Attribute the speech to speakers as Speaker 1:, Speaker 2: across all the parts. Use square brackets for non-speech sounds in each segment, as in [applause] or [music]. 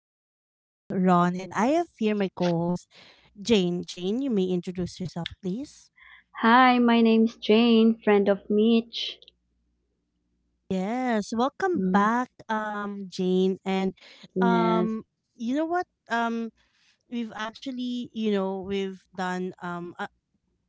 Speaker 1: is your host, Ron, and I have here my co host, Jane. Jane, you may introduce yourself, please.
Speaker 2: Hi, my name's Jane, friend of Mitch.
Speaker 1: Yes, welcome
Speaker 2: Mm,
Speaker 1: back, Jane. And
Speaker 2: yes,
Speaker 1: um, you know what? Um, we've actually, you know, we've done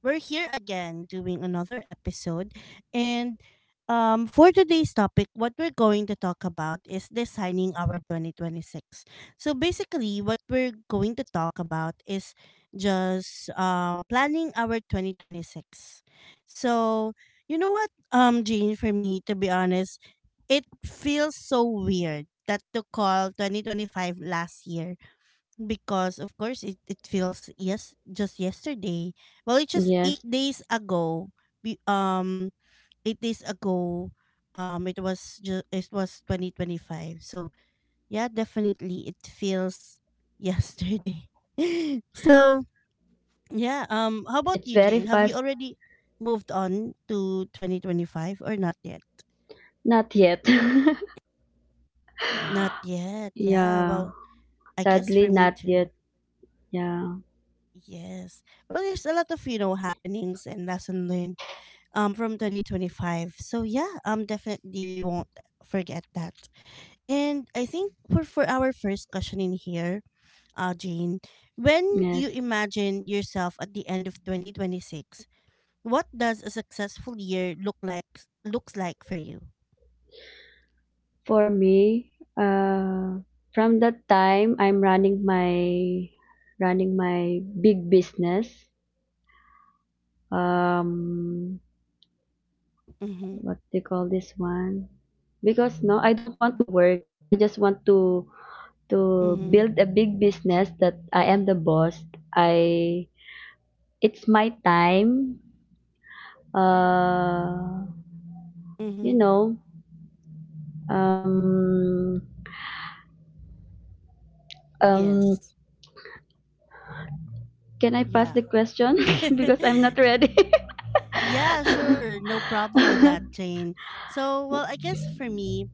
Speaker 1: We're here again doing another episode. And For today's topic, what we're going to talk about is designing our 2026. So basically, what we're going to talk about is just planning our 2026. So, Jane, for me, to be honest, it feels so weird that to call 2025 last year, because of course it feels yes just yesterday. Well, it's just eight
Speaker 2: yes.
Speaker 1: days ago. we, um 8 days ago, it was just it was 2025, so yeah, definitely it feels yesterday. [laughs] so yeah how about
Speaker 2: It's
Speaker 1: you,
Speaker 2: very
Speaker 1: Jane, have you
Speaker 2: fast.
Speaker 1: already moved on to 2025 or not yet?
Speaker 2: Not yet.
Speaker 1: Not
Speaker 2: [laughs]
Speaker 1: yet, yeah.
Speaker 2: Yeah,
Speaker 1: Well, I guess for
Speaker 2: sadly,
Speaker 1: me
Speaker 2: not
Speaker 1: too.
Speaker 2: yet. Yeah,
Speaker 1: Yes, well, there's a lot of, you know, happenings and lesson learned from 2025, so yeah, definitely we won't forget that. And I think for our first question in here, Jane, when you
Speaker 2: yes.
Speaker 1: imagine yourself at the end of 2026, what does a successful year look like looks like for you?
Speaker 2: For me, uh, from that time, I'm running my big business. Um,
Speaker 1: Mm-hmm.
Speaker 2: what do you call this one? Because no, I don't want to work. I just want to
Speaker 1: Mm-hmm.
Speaker 2: build a big business that I am the boss. I It's my time. Uh, you
Speaker 1: Mm-hmm.
Speaker 2: know, um,
Speaker 1: Yes.
Speaker 2: um, can I pass
Speaker 1: Yeah.
Speaker 2: the question [laughs] because I'm not
Speaker 1: [laughs]
Speaker 2: ready?
Speaker 1: Yeah,
Speaker 2: [laughs]
Speaker 1: sure, no problem with that, Jane. So, well, I guess for me,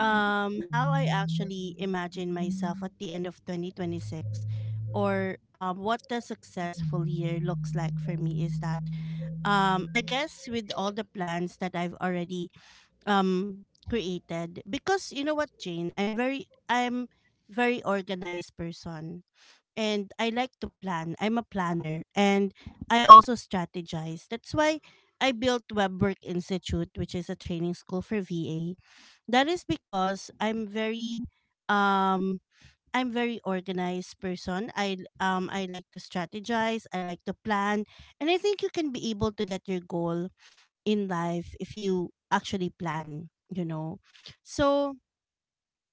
Speaker 1: how I actually imagine myself at the end of 2026, or what the successful year looks like for me, is that I guess with all the plans that I've already um created, because you know what, Jane, I'm very organized person, and I like to plan, I'm a planner, and I also strategize. That's why I built Web Institute, which is a training school for VA. That is because um I'm very organized person. I like to strategize, I like to plan, and I think you can be able to get your goal in life if you actually plan, you know. So,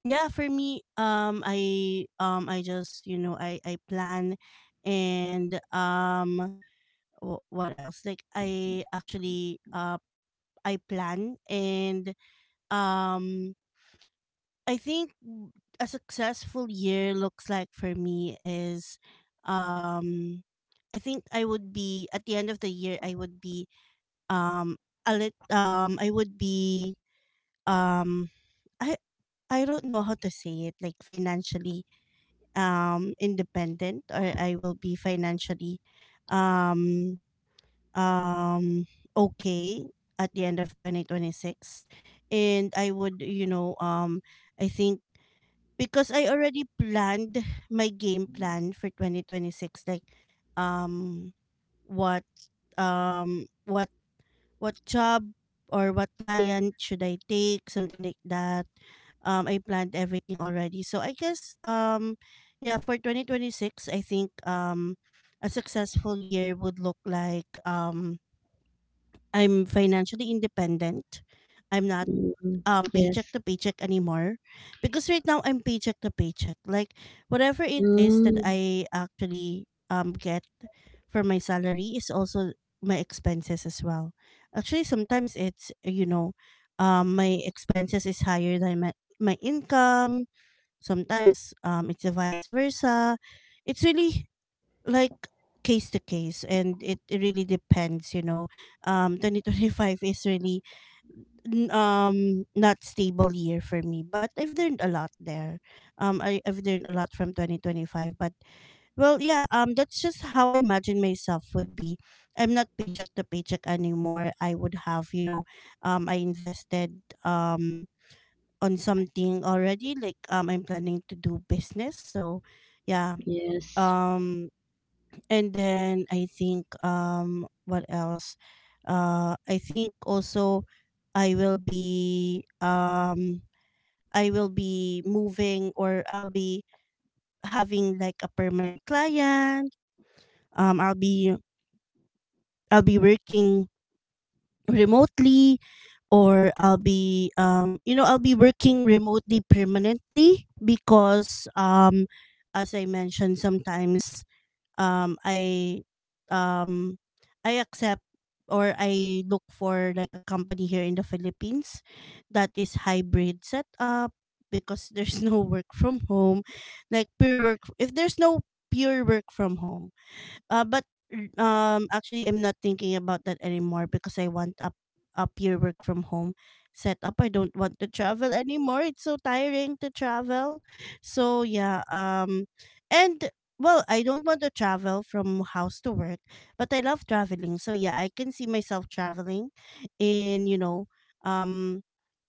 Speaker 1: yeah, for me, I just, you know, I plan and what else? Like I actually I plan and um I think a successful year looks like for me is um I think I would be at the end of the year I would be a lit I would be um I I don't know how to say it, like financially independent, or I will be financially um okay at the end of 2026. And I would, you know, I think because I already planned my game plan for 2026, like um what what job or what client should I take, something like that. I planned everything already, so I guess yeah, for 2026 I think a successful year would look like I'm financially independent. I'm not
Speaker 2: Mm,
Speaker 1: paycheck
Speaker 2: yes.
Speaker 1: to paycheck anymore, because right now I'm paycheck to paycheck. Like whatever it is that
Speaker 2: Mm,
Speaker 1: I actually get for my salary is also my expenses as well. Actually sometimes it's, you know, my expenses is higher than my income. Sometimes it's a vice versa. It's really like case to case, and it really depends, you know. 2025 is really n- um not stable year for me, but I've learned a lot there. I've learned a lot from 2025, but well, yeah, that's just how I imagine myself would be. I'm not paycheck to paycheck anymore. I would have, you know, I invested um on something already, like I'm planning to do business, so yeah.
Speaker 2: yes.
Speaker 1: um and then I think what else? I think also I will be um I will be moving, or I'll be having like a permanent client. Um I'll be I'll be working remotely, or I'll be, you know, I'll be working remotely permanently, because as I mentioned sometimes um I um I accept or I look for like a company here in the Philippines that is hybrid setup, because there's [laughs] no work from home, like pure work, if there's no pure work from home. But actually, I'm not thinking about that anymore, because I want up a pure work from home setup. I don't want to travel anymore. It's so tiring to travel. So yeah, and well, I don't want to travel from house to work, but I love traveling. So yeah, I can see myself traveling in, you know, um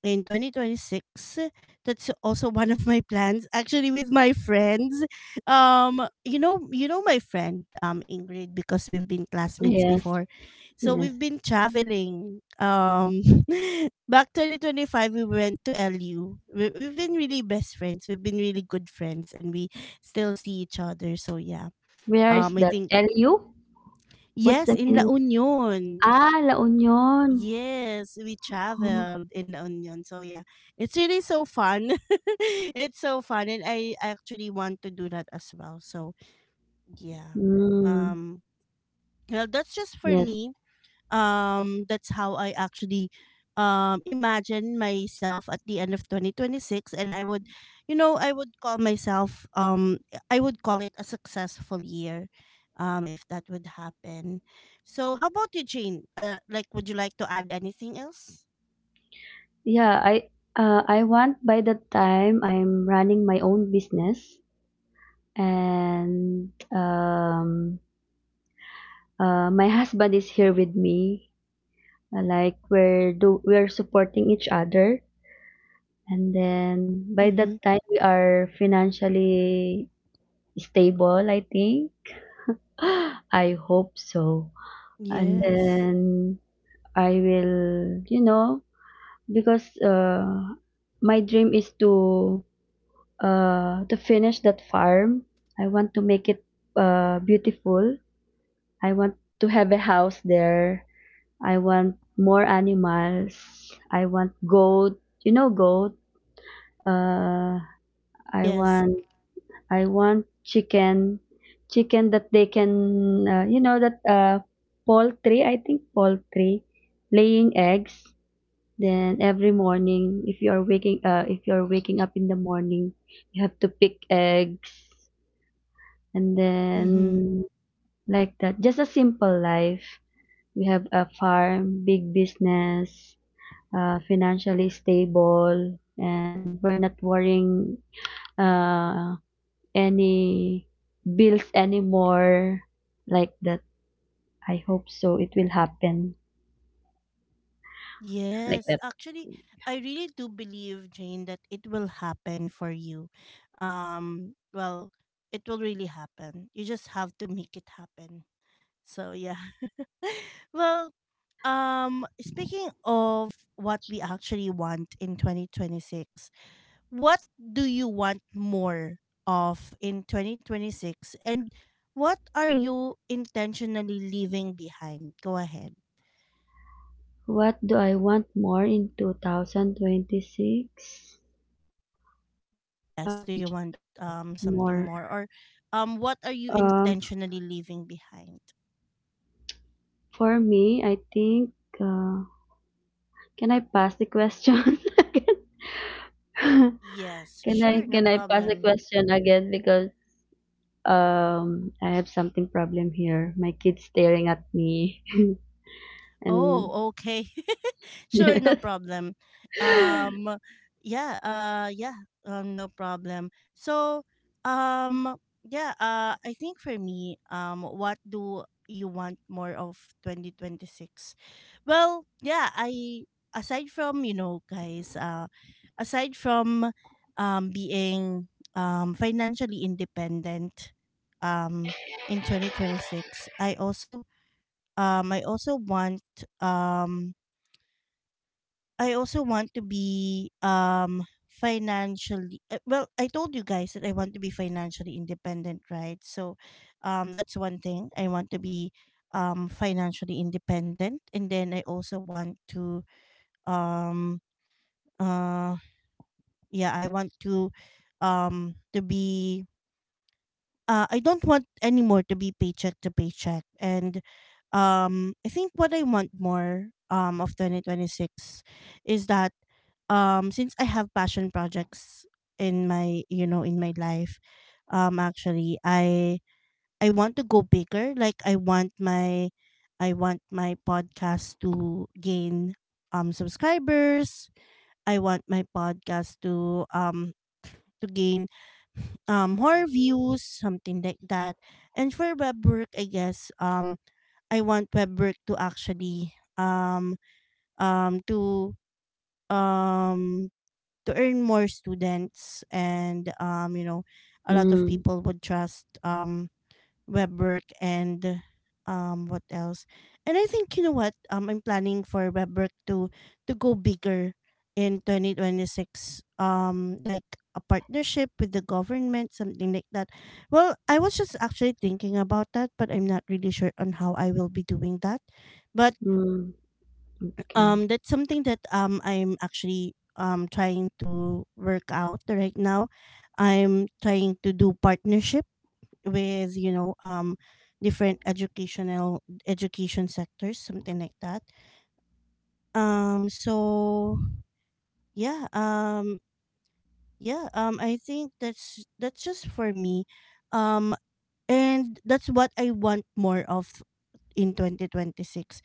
Speaker 1: in 2026. That's also one of my plans actually, with my friends. You know, you know my friend, Ingrid, because we've been classmates
Speaker 2: Yes.
Speaker 1: before. So we've
Speaker 2: Yes.
Speaker 1: been traveling. [laughs] Back 2025, we went to LU. We've been really best friends. We've been really good friends, and we still see each other. So yeah.
Speaker 2: Where is
Speaker 1: I
Speaker 2: that?
Speaker 1: think
Speaker 2: LU? What's
Speaker 1: Yes,
Speaker 2: the
Speaker 1: in La
Speaker 2: meaning?
Speaker 1: Union.
Speaker 2: Ah, La Union.
Speaker 1: Yes, we
Speaker 2: Oh.
Speaker 1: traveled in La Union. So yeah, it's really so fun. [laughs] It's so fun, and I actually want to do that as well. So yeah.
Speaker 2: Mm,
Speaker 1: Um, Well, that's just for
Speaker 2: yes.
Speaker 1: me. That's how I actually imagine myself at the end of 2026, and I would, you know, I would call myself, I would call it a successful year if that would happen. So, how about you, Jane? Like would you like to add anything else?
Speaker 2: Yeah, I want by the time I'm running my own business and my husband is here with me. Like we're supporting each other, and then by
Speaker 1: Hmm.
Speaker 2: that time we are financially stable, I think. [gasps] I hope so. And
Speaker 1: Yes.
Speaker 2: then I will, because my dream is to finish that farm. I want to make it beautiful. I want to have a house there. I want more animals. I want goat. You know goat. Uh I
Speaker 1: Yes.
Speaker 2: want chicken. Chicken that they can, that, poultry, I think poultry laying eggs. Then every morning, if you are waking if you are waking up in the morning, you have to pick eggs, and then, like that, just a simple life. We have a farm, big business, financially stable, and we're not worrying, uh, any bills anymore, like that. I hope so, it will happen, like
Speaker 1: Yes,
Speaker 2: that.
Speaker 1: actually, I really do believe, Jane, that it will happen for you. Well,
Speaker 2: Yes,
Speaker 1: it will really happen. You
Speaker 2: I
Speaker 1: just have
Speaker 2: hope
Speaker 1: to make it
Speaker 2: so, it
Speaker 1: happen.
Speaker 2: will happen.
Speaker 1: So, yeah. [laughs] Well, speaking of what we actually want in 2026, what do you want more of in 2026? And what are you intentionally leaving behind? Go ahead.
Speaker 2: What do I want more in 2026? What
Speaker 1: Yes. Do you
Speaker 2: should
Speaker 1: want
Speaker 2: I want
Speaker 1: something
Speaker 2: more?
Speaker 1: more or what are you
Speaker 2: Um,
Speaker 1: intentionally leaving behind?
Speaker 2: For me, I think, uh, can I pass the question [laughs] again? [laughs]
Speaker 1: Yes,
Speaker 2: Can I
Speaker 1: sure, no
Speaker 2: can I pass the
Speaker 1: problem.
Speaker 2: question again, because I have something problem here. My kid's staring at me. [laughs] And
Speaker 1: Oh, okay. [laughs]
Speaker 2: [laughs]
Speaker 1: Sure,
Speaker 2: yes.
Speaker 1: no problem. Um, yeah, uh, yeah, no problem. So, um, yeah, I think for me, what do you want more of 2026? Well, yeah, I aside from, you know, guys, aside from being financially independent um in 2026, um I also want um I also want to be financially, well, I told you guys that I want to be financially independent, right? So that's one thing. I want to be financially independent. And then I also want to um uh yeah, I want to be, I don't want anymore to be paycheck to paycheck. And I think what I want more, of 2026 is that since I have passion projects in my, you know, in my life, actually, I want to go bigger. Like I want my podcast to gain subscribers. I want my podcast to gain more views, something like that. And for web work, I guess I want web work to actually um to um to earn more students, and, you know, a lot of
Speaker 2: Mm,
Speaker 1: people would trust web work. And what else? And I think, you know what, I'm planning for web work to go bigger in 2026, like a partnership with the government, something like that. Well, I was just actually thinking about that, but I'm not really sure on how I will be doing that, but
Speaker 2: mm, okay.
Speaker 1: that's something that, I'm actually trying to work out right now. I'm trying to do partnership with, you know, different educational education sectors, something like that. um so yeah um yeah I think that's just for me. um and that's what I want more of in 2026,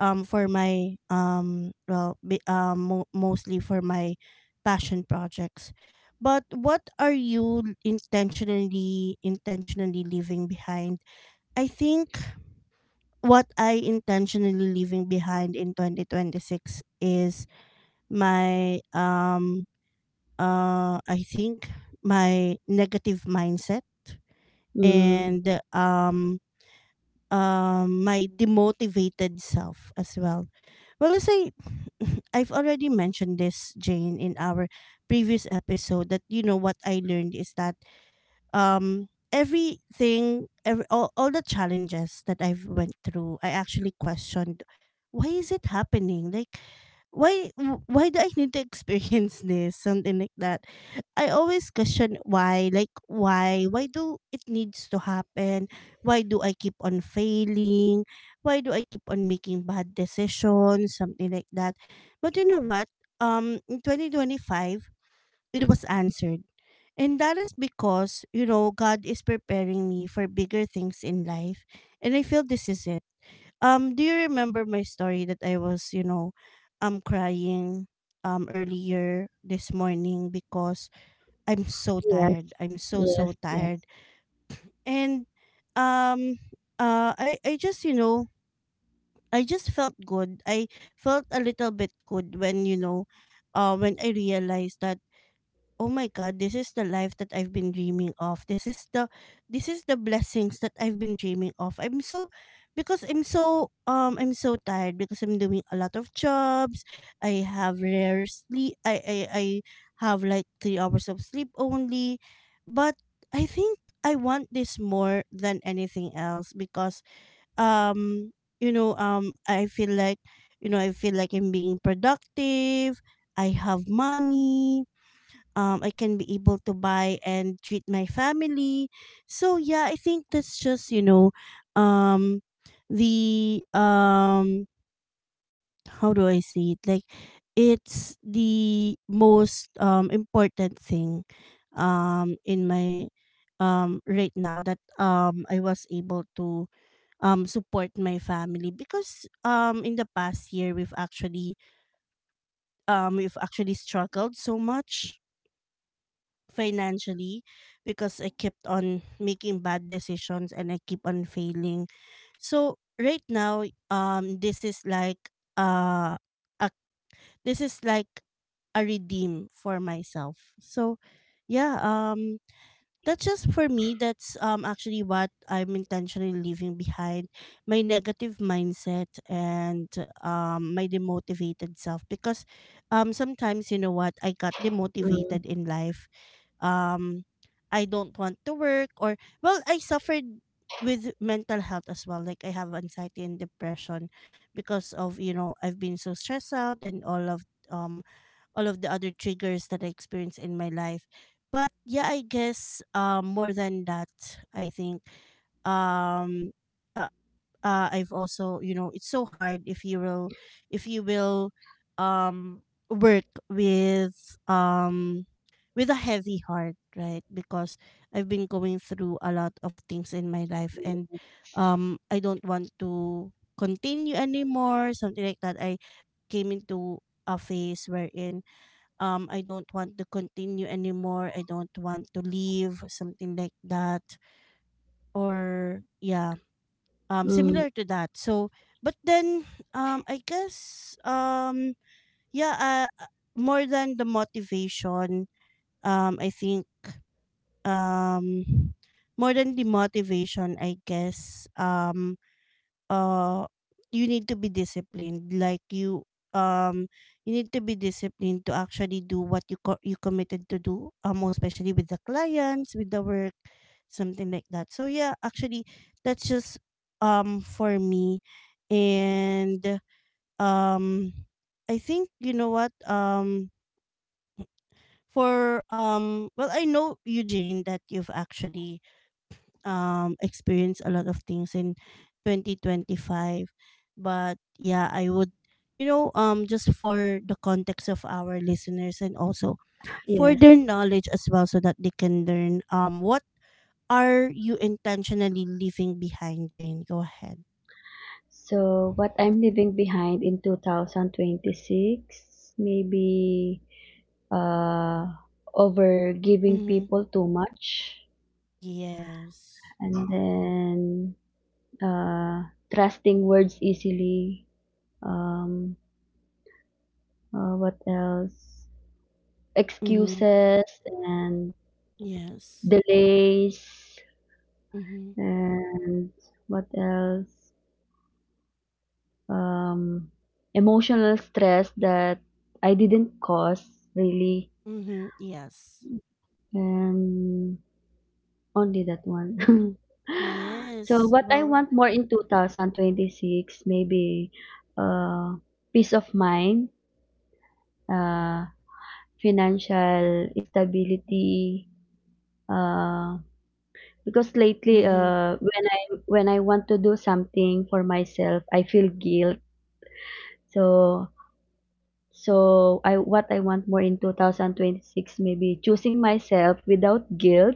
Speaker 1: for my, well, mostly for my passion projects. But what are you intentionally leaving behind? I think what I intentionally leaving behind in 2026 is my I think my negative mindset,
Speaker 2: Mm,
Speaker 1: and um my demotivated self as well. Well, as I [sighs] [laughs] I've already mentioned this, Jane, in our previous episode, that you know what I learned is that everything, all the challenges that I've went through, I actually questioned why is it happening. Like why why do I need to [laughs] experience this, something like that. I always question why, like why do it needs to happen, why do I keep on failing, why do I keep on making bad decisions, something like that. But you know what, in 2025 it was answered, and that is because, you know, God is preparing me for bigger things in life. And I feel this is it. Do you remember my story that I was, you know, crying earlier this morning because I'm so
Speaker 2: yes.
Speaker 1: tired. I'm so so
Speaker 2: Yes, yes.
Speaker 1: tired. And um uh I, I just, you know, I just felt good. I felt a little bit good when, you know, when I realized that oh my god, this is the life that I've been dreaming of. This is the blessings that I've been dreaming of. I'm so tired because I'm doing a lot of jobs. I have rare sleep. I have like 3 hours of sleep only. But I think I want this more than anything else because um I feel like, I feel like I'm being productive. I have money. I can be able to buy and treat my family. So yeah, I think that's just, you know, um, the how do I say it? Like, it's the most important thing, in my right now, that I was able to support my family because in the past year we've actually, we've actually struggled so much financially because I kept on making bad decisions and I keep on failing. So right now, this is like uh, a, this is like a redeem for myself. So yeah, that's just for me. That's actually what I'm intentionally leaving behind: my negative mindset and my demotivated self, because sometimes, you know what, I got
Speaker 2: Mm,
Speaker 1: demotivated in life. um I don't want to work, or well, I suffered with mental health as well. Like I have anxiety and depression because of, you know, I've been so stressed out and all of, um all of the other triggers that I experienced in my life. But yeah, I guess more than that, I think um uh, I've also, you know, it's so hard if you will, if you will um work with a heavy heart, right? Because I've been going through a lot of things in my life and I don't want to continue anymore, something like that. I came into a phase wherein I don't want to continue anymore. I don't want to leave, something like that. Or yeah,
Speaker 2: mm,
Speaker 1: similar to that. So but then I guess yeah, more than the motivation, I think um more than the motivation I guess uh you need to be disciplined. Like you, um you need to be disciplined to actually do what you you committed to do, most especially with the clients, with the work, something like that. So yeah, actually that's just for me. And um I think, you know what, for well, I know, Eugene, that you've actually experienced a lot of things in 2025, but yeah, I would, you know, just for the context of our listeners and also for their
Speaker 2: yes.
Speaker 1: knowledge as well, so that they can learn what are you intentionally leaving behind, Jane? Go ahead.
Speaker 2: So what I'm leaving behind in 2026, maybe, uh, over giving
Speaker 1: Mhm.
Speaker 2: people too much,
Speaker 1: Yes.
Speaker 2: and then, uh, trusting words easily. Um, what else?
Speaker 1: Mm-hmm.
Speaker 2: Excuses and
Speaker 1: Yes.
Speaker 2: delays,
Speaker 1: Mm-hmm.
Speaker 2: and what else? Um, emotional stress that I didn't cause, really.
Speaker 1: Mm-hmm. Yes.
Speaker 2: And only that one. [laughs]
Speaker 1: Yes.
Speaker 2: So what I
Speaker 1: Well.
Speaker 2: want more in 2026, maybe, uh, peace of mind, uh, financial stability. Uh, because lately,
Speaker 1: Mm-hmm.
Speaker 2: when I want to do something for myself, I feel guilt. So so I what I want more in 2026, maybe choosing myself without guilt.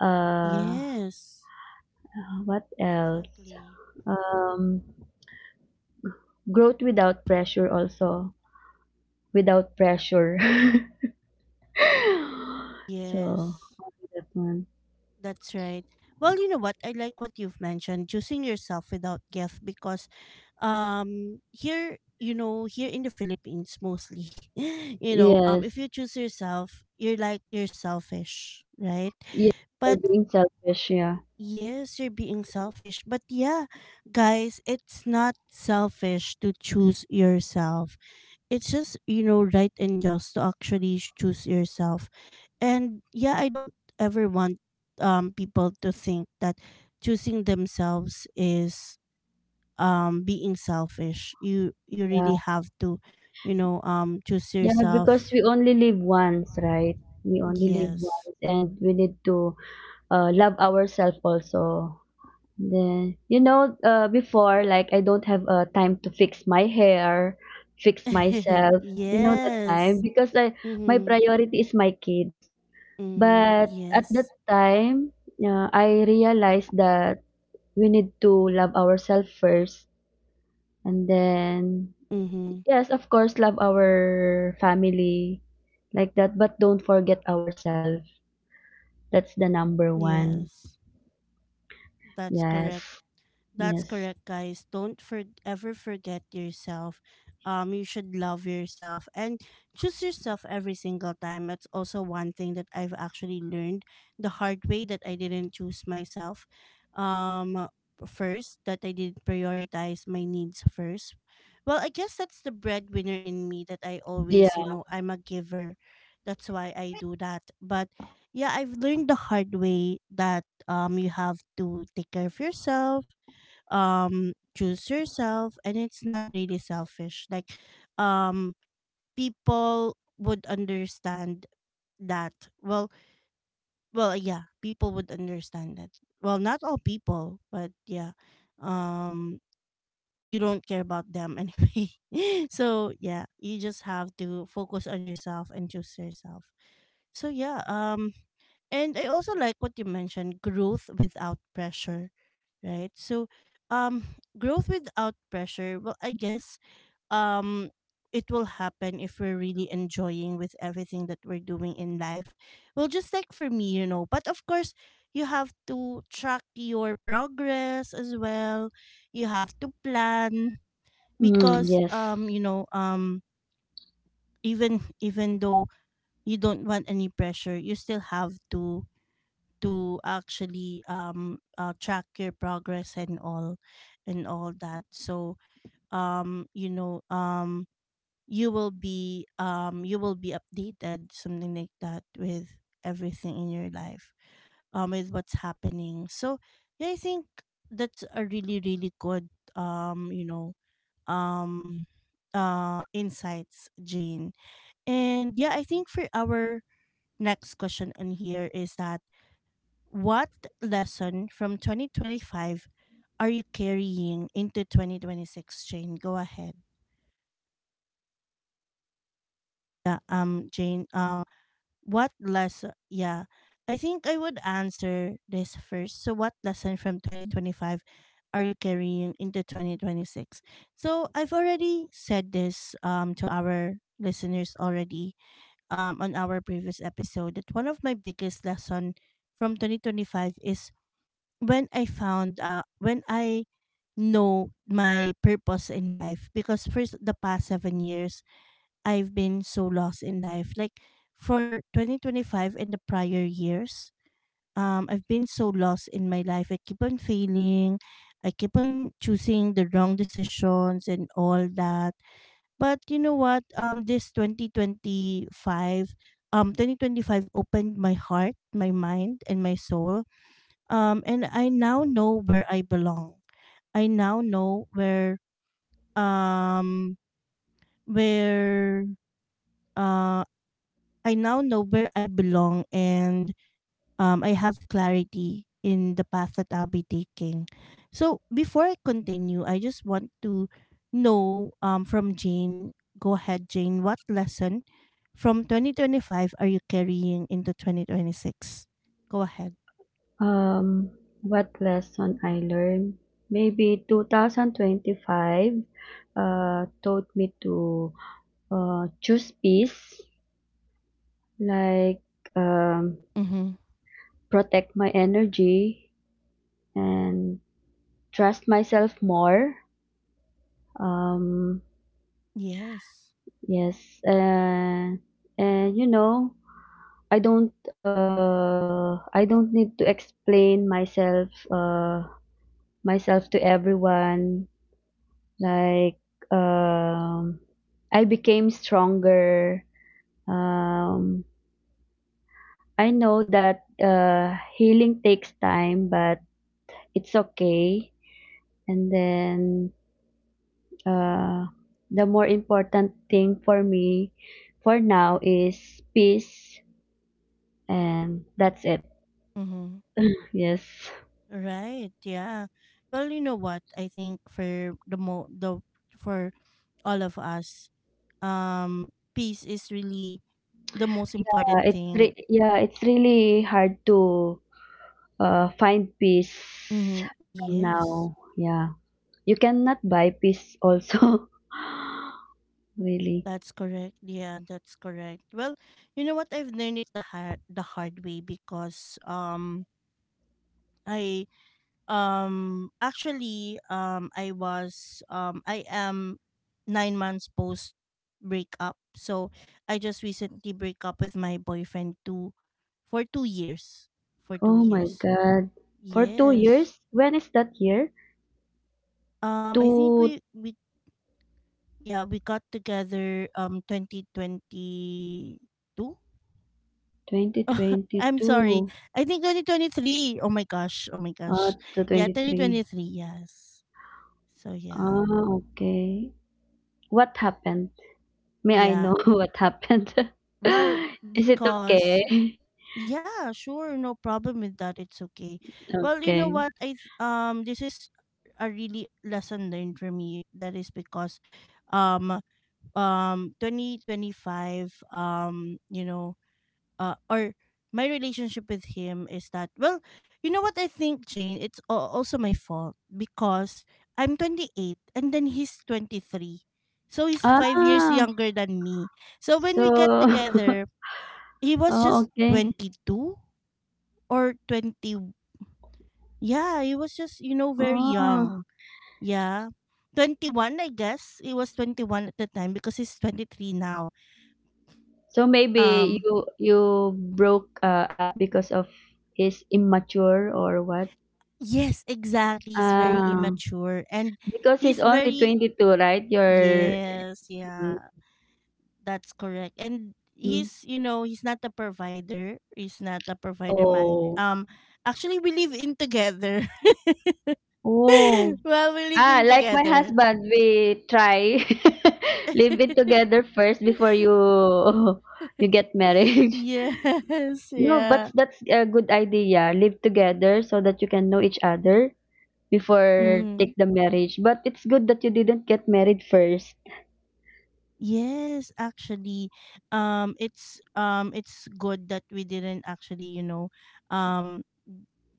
Speaker 2: Uh,
Speaker 1: Yes.
Speaker 2: what else?
Speaker 1: Exactly.
Speaker 2: Um, growth without pressure, also without pressure. [laughs] So
Speaker 1: Yes,
Speaker 2: that one.
Speaker 1: that's right. Well, you know what? I like what you've mentioned, choosing yourself without guilt, because here, you know, here in the Philippines mostly, [laughs] you know, if
Speaker 2: Yes.
Speaker 1: you choose yourself, you're like you're selfish, right?
Speaker 2: Yeah, you're
Speaker 1: But
Speaker 2: being selfish, yeah.
Speaker 1: yes, you're being selfish. But yeah, guys, it's not selfish to choose yourself. It's just, you know, right, and just to actually choose yourself. And yeah, I don't ever want people to think that choosing themselves is being selfish. You
Speaker 2: Yeah,
Speaker 1: really have to, you know, choose
Speaker 2: yeah,
Speaker 1: yourself.
Speaker 2: because we only live once, right? We only live
Speaker 1: Yes.
Speaker 2: once, and we need to, love ourselves also. Then, before, like, I don't have, time to fix my hair, fix
Speaker 1: [laughs]
Speaker 2: myself. You know that
Speaker 1: Yes.
Speaker 2: time, because I my
Speaker 1: Mm-hmm.
Speaker 2: priority is my kids.
Speaker 1: Mm-hmm.
Speaker 2: But at that
Speaker 1: Yes.
Speaker 2: time, I realized that we need to love ourselves first, and then,
Speaker 1: Mm-hmm.
Speaker 2: yes, of course, love our family, like that, but don't forget ourselves. That's the number
Speaker 1: Yes.
Speaker 2: one.
Speaker 1: That's correct.
Speaker 2: Yes.
Speaker 1: That's
Speaker 2: Yes.
Speaker 1: correct, guys. Don't ever forget yourself. You should love yourself and choose yourself every single time. It's also one thing that I've actually learned the hard way, that I didn't choose myself. Um, first, that I didn't prioritize my needs first. Well, I guess that's the breadwinner in me, that I
Speaker 2: Yeah.
Speaker 1: always, you know, I'm a giver. That's why I do that. But yeah, I've learned the hard way that you have to take care of yourself, choose yourself, and it's not really selfish. Like um people would understand that, well yeah, people would understand that. Well, not all people, but yeah, um you don't care about them anyway. [laughs] So yeah, you just have to focus on yourself and choose yourself. So yeah, and I also like what you mentioned, growth without pressure, right? So, um, [sighs] growth without pressure, well, I guess um, it will happen if we're really enjoying with everything that we're doing in life. Well, just like for me, you know, but of course, you have to track your progress as well. You have to plan
Speaker 2: Mm,
Speaker 1: because,
Speaker 2: yes.
Speaker 1: you know, even though you don't want any pressure, you still have to actually track your progress and all, and all that. So you know, you will be, you will be updated, something like that, with everything in your life, with what's happening. So yeah, I think that's a really, really good, um you know um insights, Jane. And yeah, I think for our next question on here is that what lesson from 2025 are you carrying into 2026, Jane? Go ahead. Yeah, what lesson? Yeah, I think I would answer this first. So, what lesson from 2025 are you carrying into 2026? So, I've already said this, to our listeners already, on our previous episode, that one of my biggest lesson from 2025 is when I found, when I know my purpose in life. Because for the past 7 years, I've been so lost in life. Like for 2025 and the prior years, I've been so lost in my life. I keep on failing, I keep on choosing the wrong decisions and all that. But you know what, um this 2025 um 2025 opened my heart, my mind, and my soul, and I now know where I belong. I now know where, um where uh I now know where I belong. And I have clarity in the path that I'll be taking. So before I continue, I just want to know from Jane. Go ahead, Jane. What lesson from 2025 are you carrying into 2026? Go ahead.
Speaker 2: Um, what lesson I learned? Maybe 2025 taught me to, choose peace, like, um,
Speaker 1: Mm-hmm.
Speaker 2: protect my energy and trust myself more. Um,
Speaker 1: Yes.
Speaker 2: yes, uh, and I don't need to explain myself to everyone. Like, um, I became stronger. Um, I know that, healing takes time, but it's okay. And then, uh, the more important thing for me for now is peace, and that's it.
Speaker 1: Mm-hmm.
Speaker 2: Yes.
Speaker 1: Right. Yeah. Well, you know what? I think for the mo the for all of us, peace is really the most
Speaker 2: Yeah,
Speaker 1: important thing.
Speaker 2: yeah, it's really hard to, find peace
Speaker 1: Mm-hmm.
Speaker 2: from
Speaker 1: Yes,
Speaker 2: now. Yeah. You cannot buy peace also. [laughs] Really.
Speaker 1: that's correct. Yeah, that's correct. Well, you know what? I've learned it the hard way because I actually I was I am 9 months post breakup. So I just recently break up with my boyfriend 2 years, for two
Speaker 2: Oh my
Speaker 1: years
Speaker 2: God. For two
Speaker 1: Yes,
Speaker 2: years? When is that year?
Speaker 1: um i think
Speaker 2: To
Speaker 1: we, we yeah, we got together 2022. [laughs] I'm sorry,
Speaker 2: 2022.
Speaker 1: I think 2023. Oh my gosh, oh my gosh.
Speaker 2: To
Speaker 1: Yeah,
Speaker 2: 23.
Speaker 1: 2023. Yes. So yeah,
Speaker 2: Ah, okay. What happened? May I
Speaker 1: yeah.
Speaker 2: know [laughs] what happened?
Speaker 1: Well,
Speaker 2: [laughs] Is it
Speaker 1: because,
Speaker 2: okay?
Speaker 1: yeah, sure, no problem with that. It's okay. Well, you know
Speaker 2: Okay.
Speaker 1: what? This is a really lesson learned for me. That is because um 2025, you know, or my relationship with him is that, well, you know what I think, Jane, it's also my fault because I'm 28 and then he's 23. So he's 5 years
Speaker 2: Ah,
Speaker 1: younger than me. So when we get
Speaker 2: so, [laughs]
Speaker 1: together, he was
Speaker 2: oh,
Speaker 1: just
Speaker 2: okay.
Speaker 1: 22 or 20. Yeah, he was just, you know, very
Speaker 2: Oh,
Speaker 1: young. Yeah. 21, I guess. He was 21 at the time because he's 23 now.
Speaker 2: so maybe
Speaker 1: Um,
Speaker 2: you broke, up because of his immature or what?
Speaker 1: yes, exactly. He's very
Speaker 2: Ah,
Speaker 1: immature. And
Speaker 2: because he's
Speaker 1: he's
Speaker 2: only
Speaker 1: very,
Speaker 2: 22, right? You're,
Speaker 1: yes,
Speaker 2: mm,
Speaker 1: yeah, that's correct. And
Speaker 2: mm.
Speaker 1: he's, you know, he's not a provider. He's not a provider man.
Speaker 2: oh,
Speaker 1: Actually, we live in together. [laughs]
Speaker 2: oh,
Speaker 1: Well, we live
Speaker 2: ah,
Speaker 1: in
Speaker 2: like my
Speaker 1: together.
Speaker 2: husband, we try [laughs] live it together first before you [laughs] you get married. [laughs]
Speaker 1: Yes, [laughs]
Speaker 2: No,
Speaker 1: yeah.
Speaker 2: but that's a good idea. Live together so that you can know each other before
Speaker 1: Hmm.
Speaker 2: take the marriage. But it's good that you didn't get married first.
Speaker 1: Yes, actually, it's good that we didn't actually, you know, um,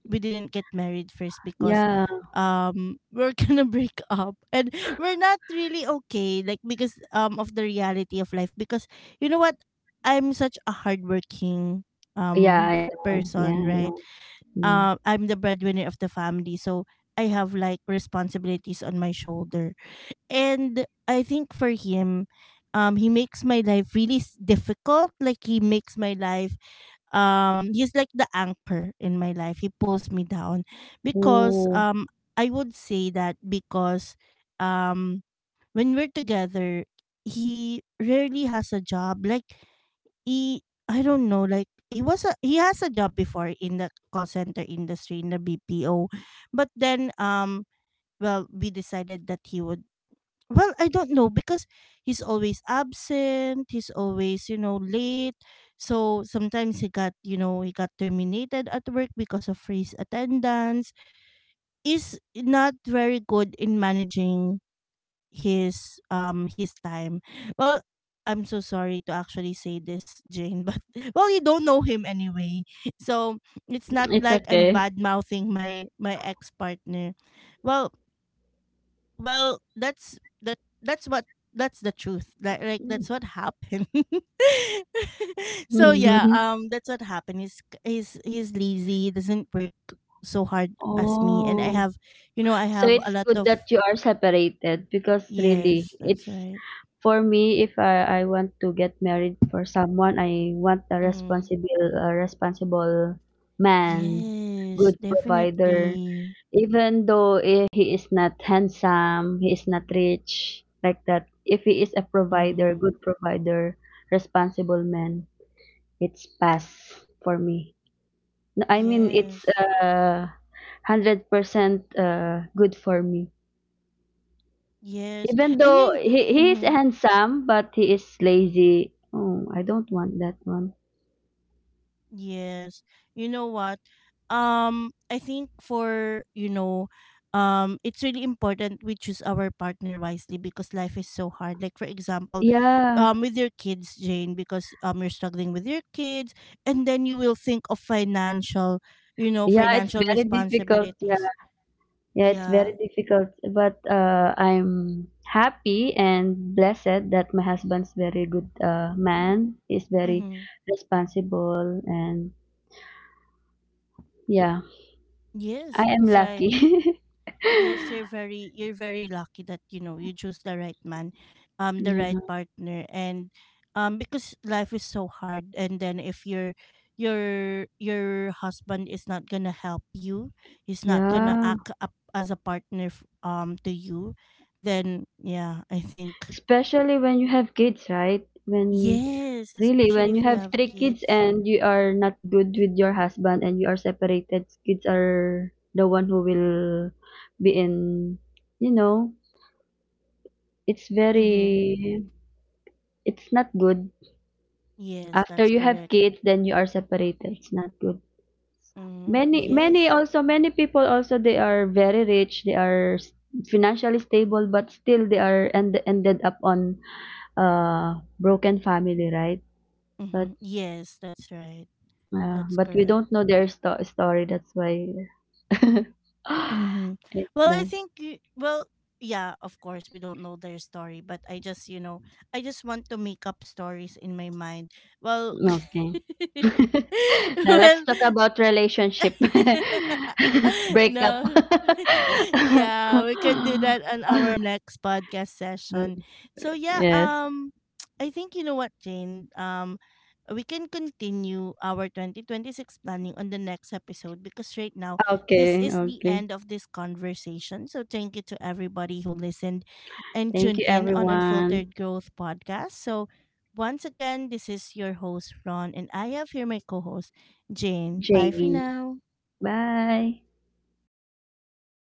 Speaker 1: we didn't get married first because,
Speaker 2: Yeah,
Speaker 1: [laughs] we're gonna break up and we're not really okay, like because, of the reality of life. Because you know what, I'm such a hardworking
Speaker 2: yeah,
Speaker 1: um
Speaker 2: I know.
Speaker 1: person,
Speaker 2: Yeah, I
Speaker 1: right?
Speaker 2: know. Mm.
Speaker 1: I'm the breadwinner of the family, so I have like responsibilities on my shoulder. And I think for him, he makes my life really difficult. Like he makes my life, he's like the anchor in my life. He pulls me down because,
Speaker 2: Oh,
Speaker 1: I would say that because, um, when we're together, he rarely has a job. Like he, I don't know. Like he has a job before in the call center industry in the BPO, but then, well, we decided that he would, well, I don't know because he's always absent, he's always, you know, late. So sometimes he got, you know, he got terminated at work because of his attendance, is not very good in managing his time. Well, I'm so sorry to actually say this, Jane, but [laughs] well, you don't know him anyway, so it's not
Speaker 2: it's
Speaker 1: like I'm
Speaker 2: okay.
Speaker 1: bad mouthing my ex partner. Well well, that's that that's what, that's the truth. Like, that's what happened. [laughs] So yeah,
Speaker 2: [laughs]
Speaker 1: that's what happened. He's lazy. He doesn't work so hard as me. And I
Speaker 2: Oh,
Speaker 1: have, you know, I
Speaker 2: so
Speaker 1: have a
Speaker 2: it's
Speaker 1: lot
Speaker 2: good
Speaker 1: of,
Speaker 2: that you are separated, because
Speaker 1: yes,
Speaker 2: really,
Speaker 1: that's
Speaker 2: it's...
Speaker 1: right.
Speaker 2: For me, if I want to get married for someone, I want
Speaker 1: Mm.
Speaker 2: a responsible man,
Speaker 1: Yes,
Speaker 2: good
Speaker 1: definitely.
Speaker 2: provider. Even though, he is not handsome, he is not rich, like that. If he is a
Speaker 1: Mhm.
Speaker 2: provider, good provider, responsible man, it's pass for me. No, I mean,
Speaker 1: Yes.
Speaker 2: it's, uh, 100% good for me.
Speaker 1: Yes.
Speaker 2: Even
Speaker 1: And
Speaker 2: though,
Speaker 1: you,
Speaker 2: he is
Speaker 1: mm-hmm,
Speaker 2: handsome, but he is lazy. Oh, I don't want that one.
Speaker 1: yes. You know what? Um, I think for, you know, it's really important we choose our partner wisely because life is so hard. Like for example,
Speaker 2: Yeah.
Speaker 1: with your kids, Jane, because you're struggling with your kids, and then you will think of financial, you know,
Speaker 2: Yeah, it's
Speaker 1: financial
Speaker 2: very difficult. Yeah.
Speaker 1: responsibilities.
Speaker 2: Yeah, it's very
Speaker 1: Yeah.
Speaker 2: difficult. But, I'm happy and blessed that my husband's very good, man. He's very
Speaker 1: Mm-hmm.
Speaker 2: responsible, and yeah, I
Speaker 1: Yes,
Speaker 2: am
Speaker 1: that's right.
Speaker 2: lucky. [laughs]
Speaker 1: Yes, you're very, you're very lucky that, you know, you choose the right man, the right
Speaker 2: Yeah.
Speaker 1: partner, and because life is so hard. And then if your husband is not gonna help you, he's not gonna
Speaker 2: Yeah.
Speaker 1: act up as a partner, to you, then yeah, I think,
Speaker 2: Especially when you have kids, right? when
Speaker 1: yes,
Speaker 2: really
Speaker 1: especially if
Speaker 2: when you
Speaker 1: you
Speaker 2: have
Speaker 1: have
Speaker 2: 3 kids
Speaker 1: kids.
Speaker 2: and you are not good with your husband and you are separated, kids are the one who will be in, you know it's
Speaker 1: Mm-hmm.
Speaker 2: very it's not good.
Speaker 1: Yes,
Speaker 2: After
Speaker 1: that's
Speaker 2: you have
Speaker 1: correct.
Speaker 2: kids, then you are separated, it's not good.
Speaker 1: Mm,
Speaker 2: Many,
Speaker 1: yes.
Speaker 2: many also many people also, they are very rich, they are, financially stable, but still they are and ended up on, broken family, right? but
Speaker 1: Mm-hmm. Yes, that's right.
Speaker 2: Yeah,
Speaker 1: That's
Speaker 2: but we
Speaker 1: correct.
Speaker 2: don't know their, story. That's why. [laughs]
Speaker 1: Mm-hmm.
Speaker 2: Like
Speaker 1: Well, I
Speaker 2: that.
Speaker 1: think, well, yeah, of course, we don't know their story, but I just, you know, I just want to make up stories in my mind. Well,
Speaker 2: Okay. [laughs]
Speaker 1: [laughs]
Speaker 2: Now let's
Speaker 1: well,
Speaker 2: talk about relationship
Speaker 1: [laughs]
Speaker 2: [laughs]
Speaker 1: [laughs]
Speaker 2: breakup.
Speaker 1: no. [laughs] Yeah, we could do
Speaker 2: [laughs]
Speaker 1: that on our next podcast session. So yeah,
Speaker 2: Yes.
Speaker 1: [tsk] I think, you know what, Jane? Um, we can continue our 2026 planning on the next episode because right now this
Speaker 2: Okay.
Speaker 1: is the
Speaker 2: Okay.
Speaker 1: end of this conversation. So thank you to everybody who listened and
Speaker 2: Thank you,
Speaker 1: tuned in on
Speaker 2: everyone.
Speaker 1: Unfiltered Growth podcast. So once again, this is your host Ron, and I have here my co-host Jane. Bye for
Speaker 2: Jane.
Speaker 1: now.
Speaker 2: Bye.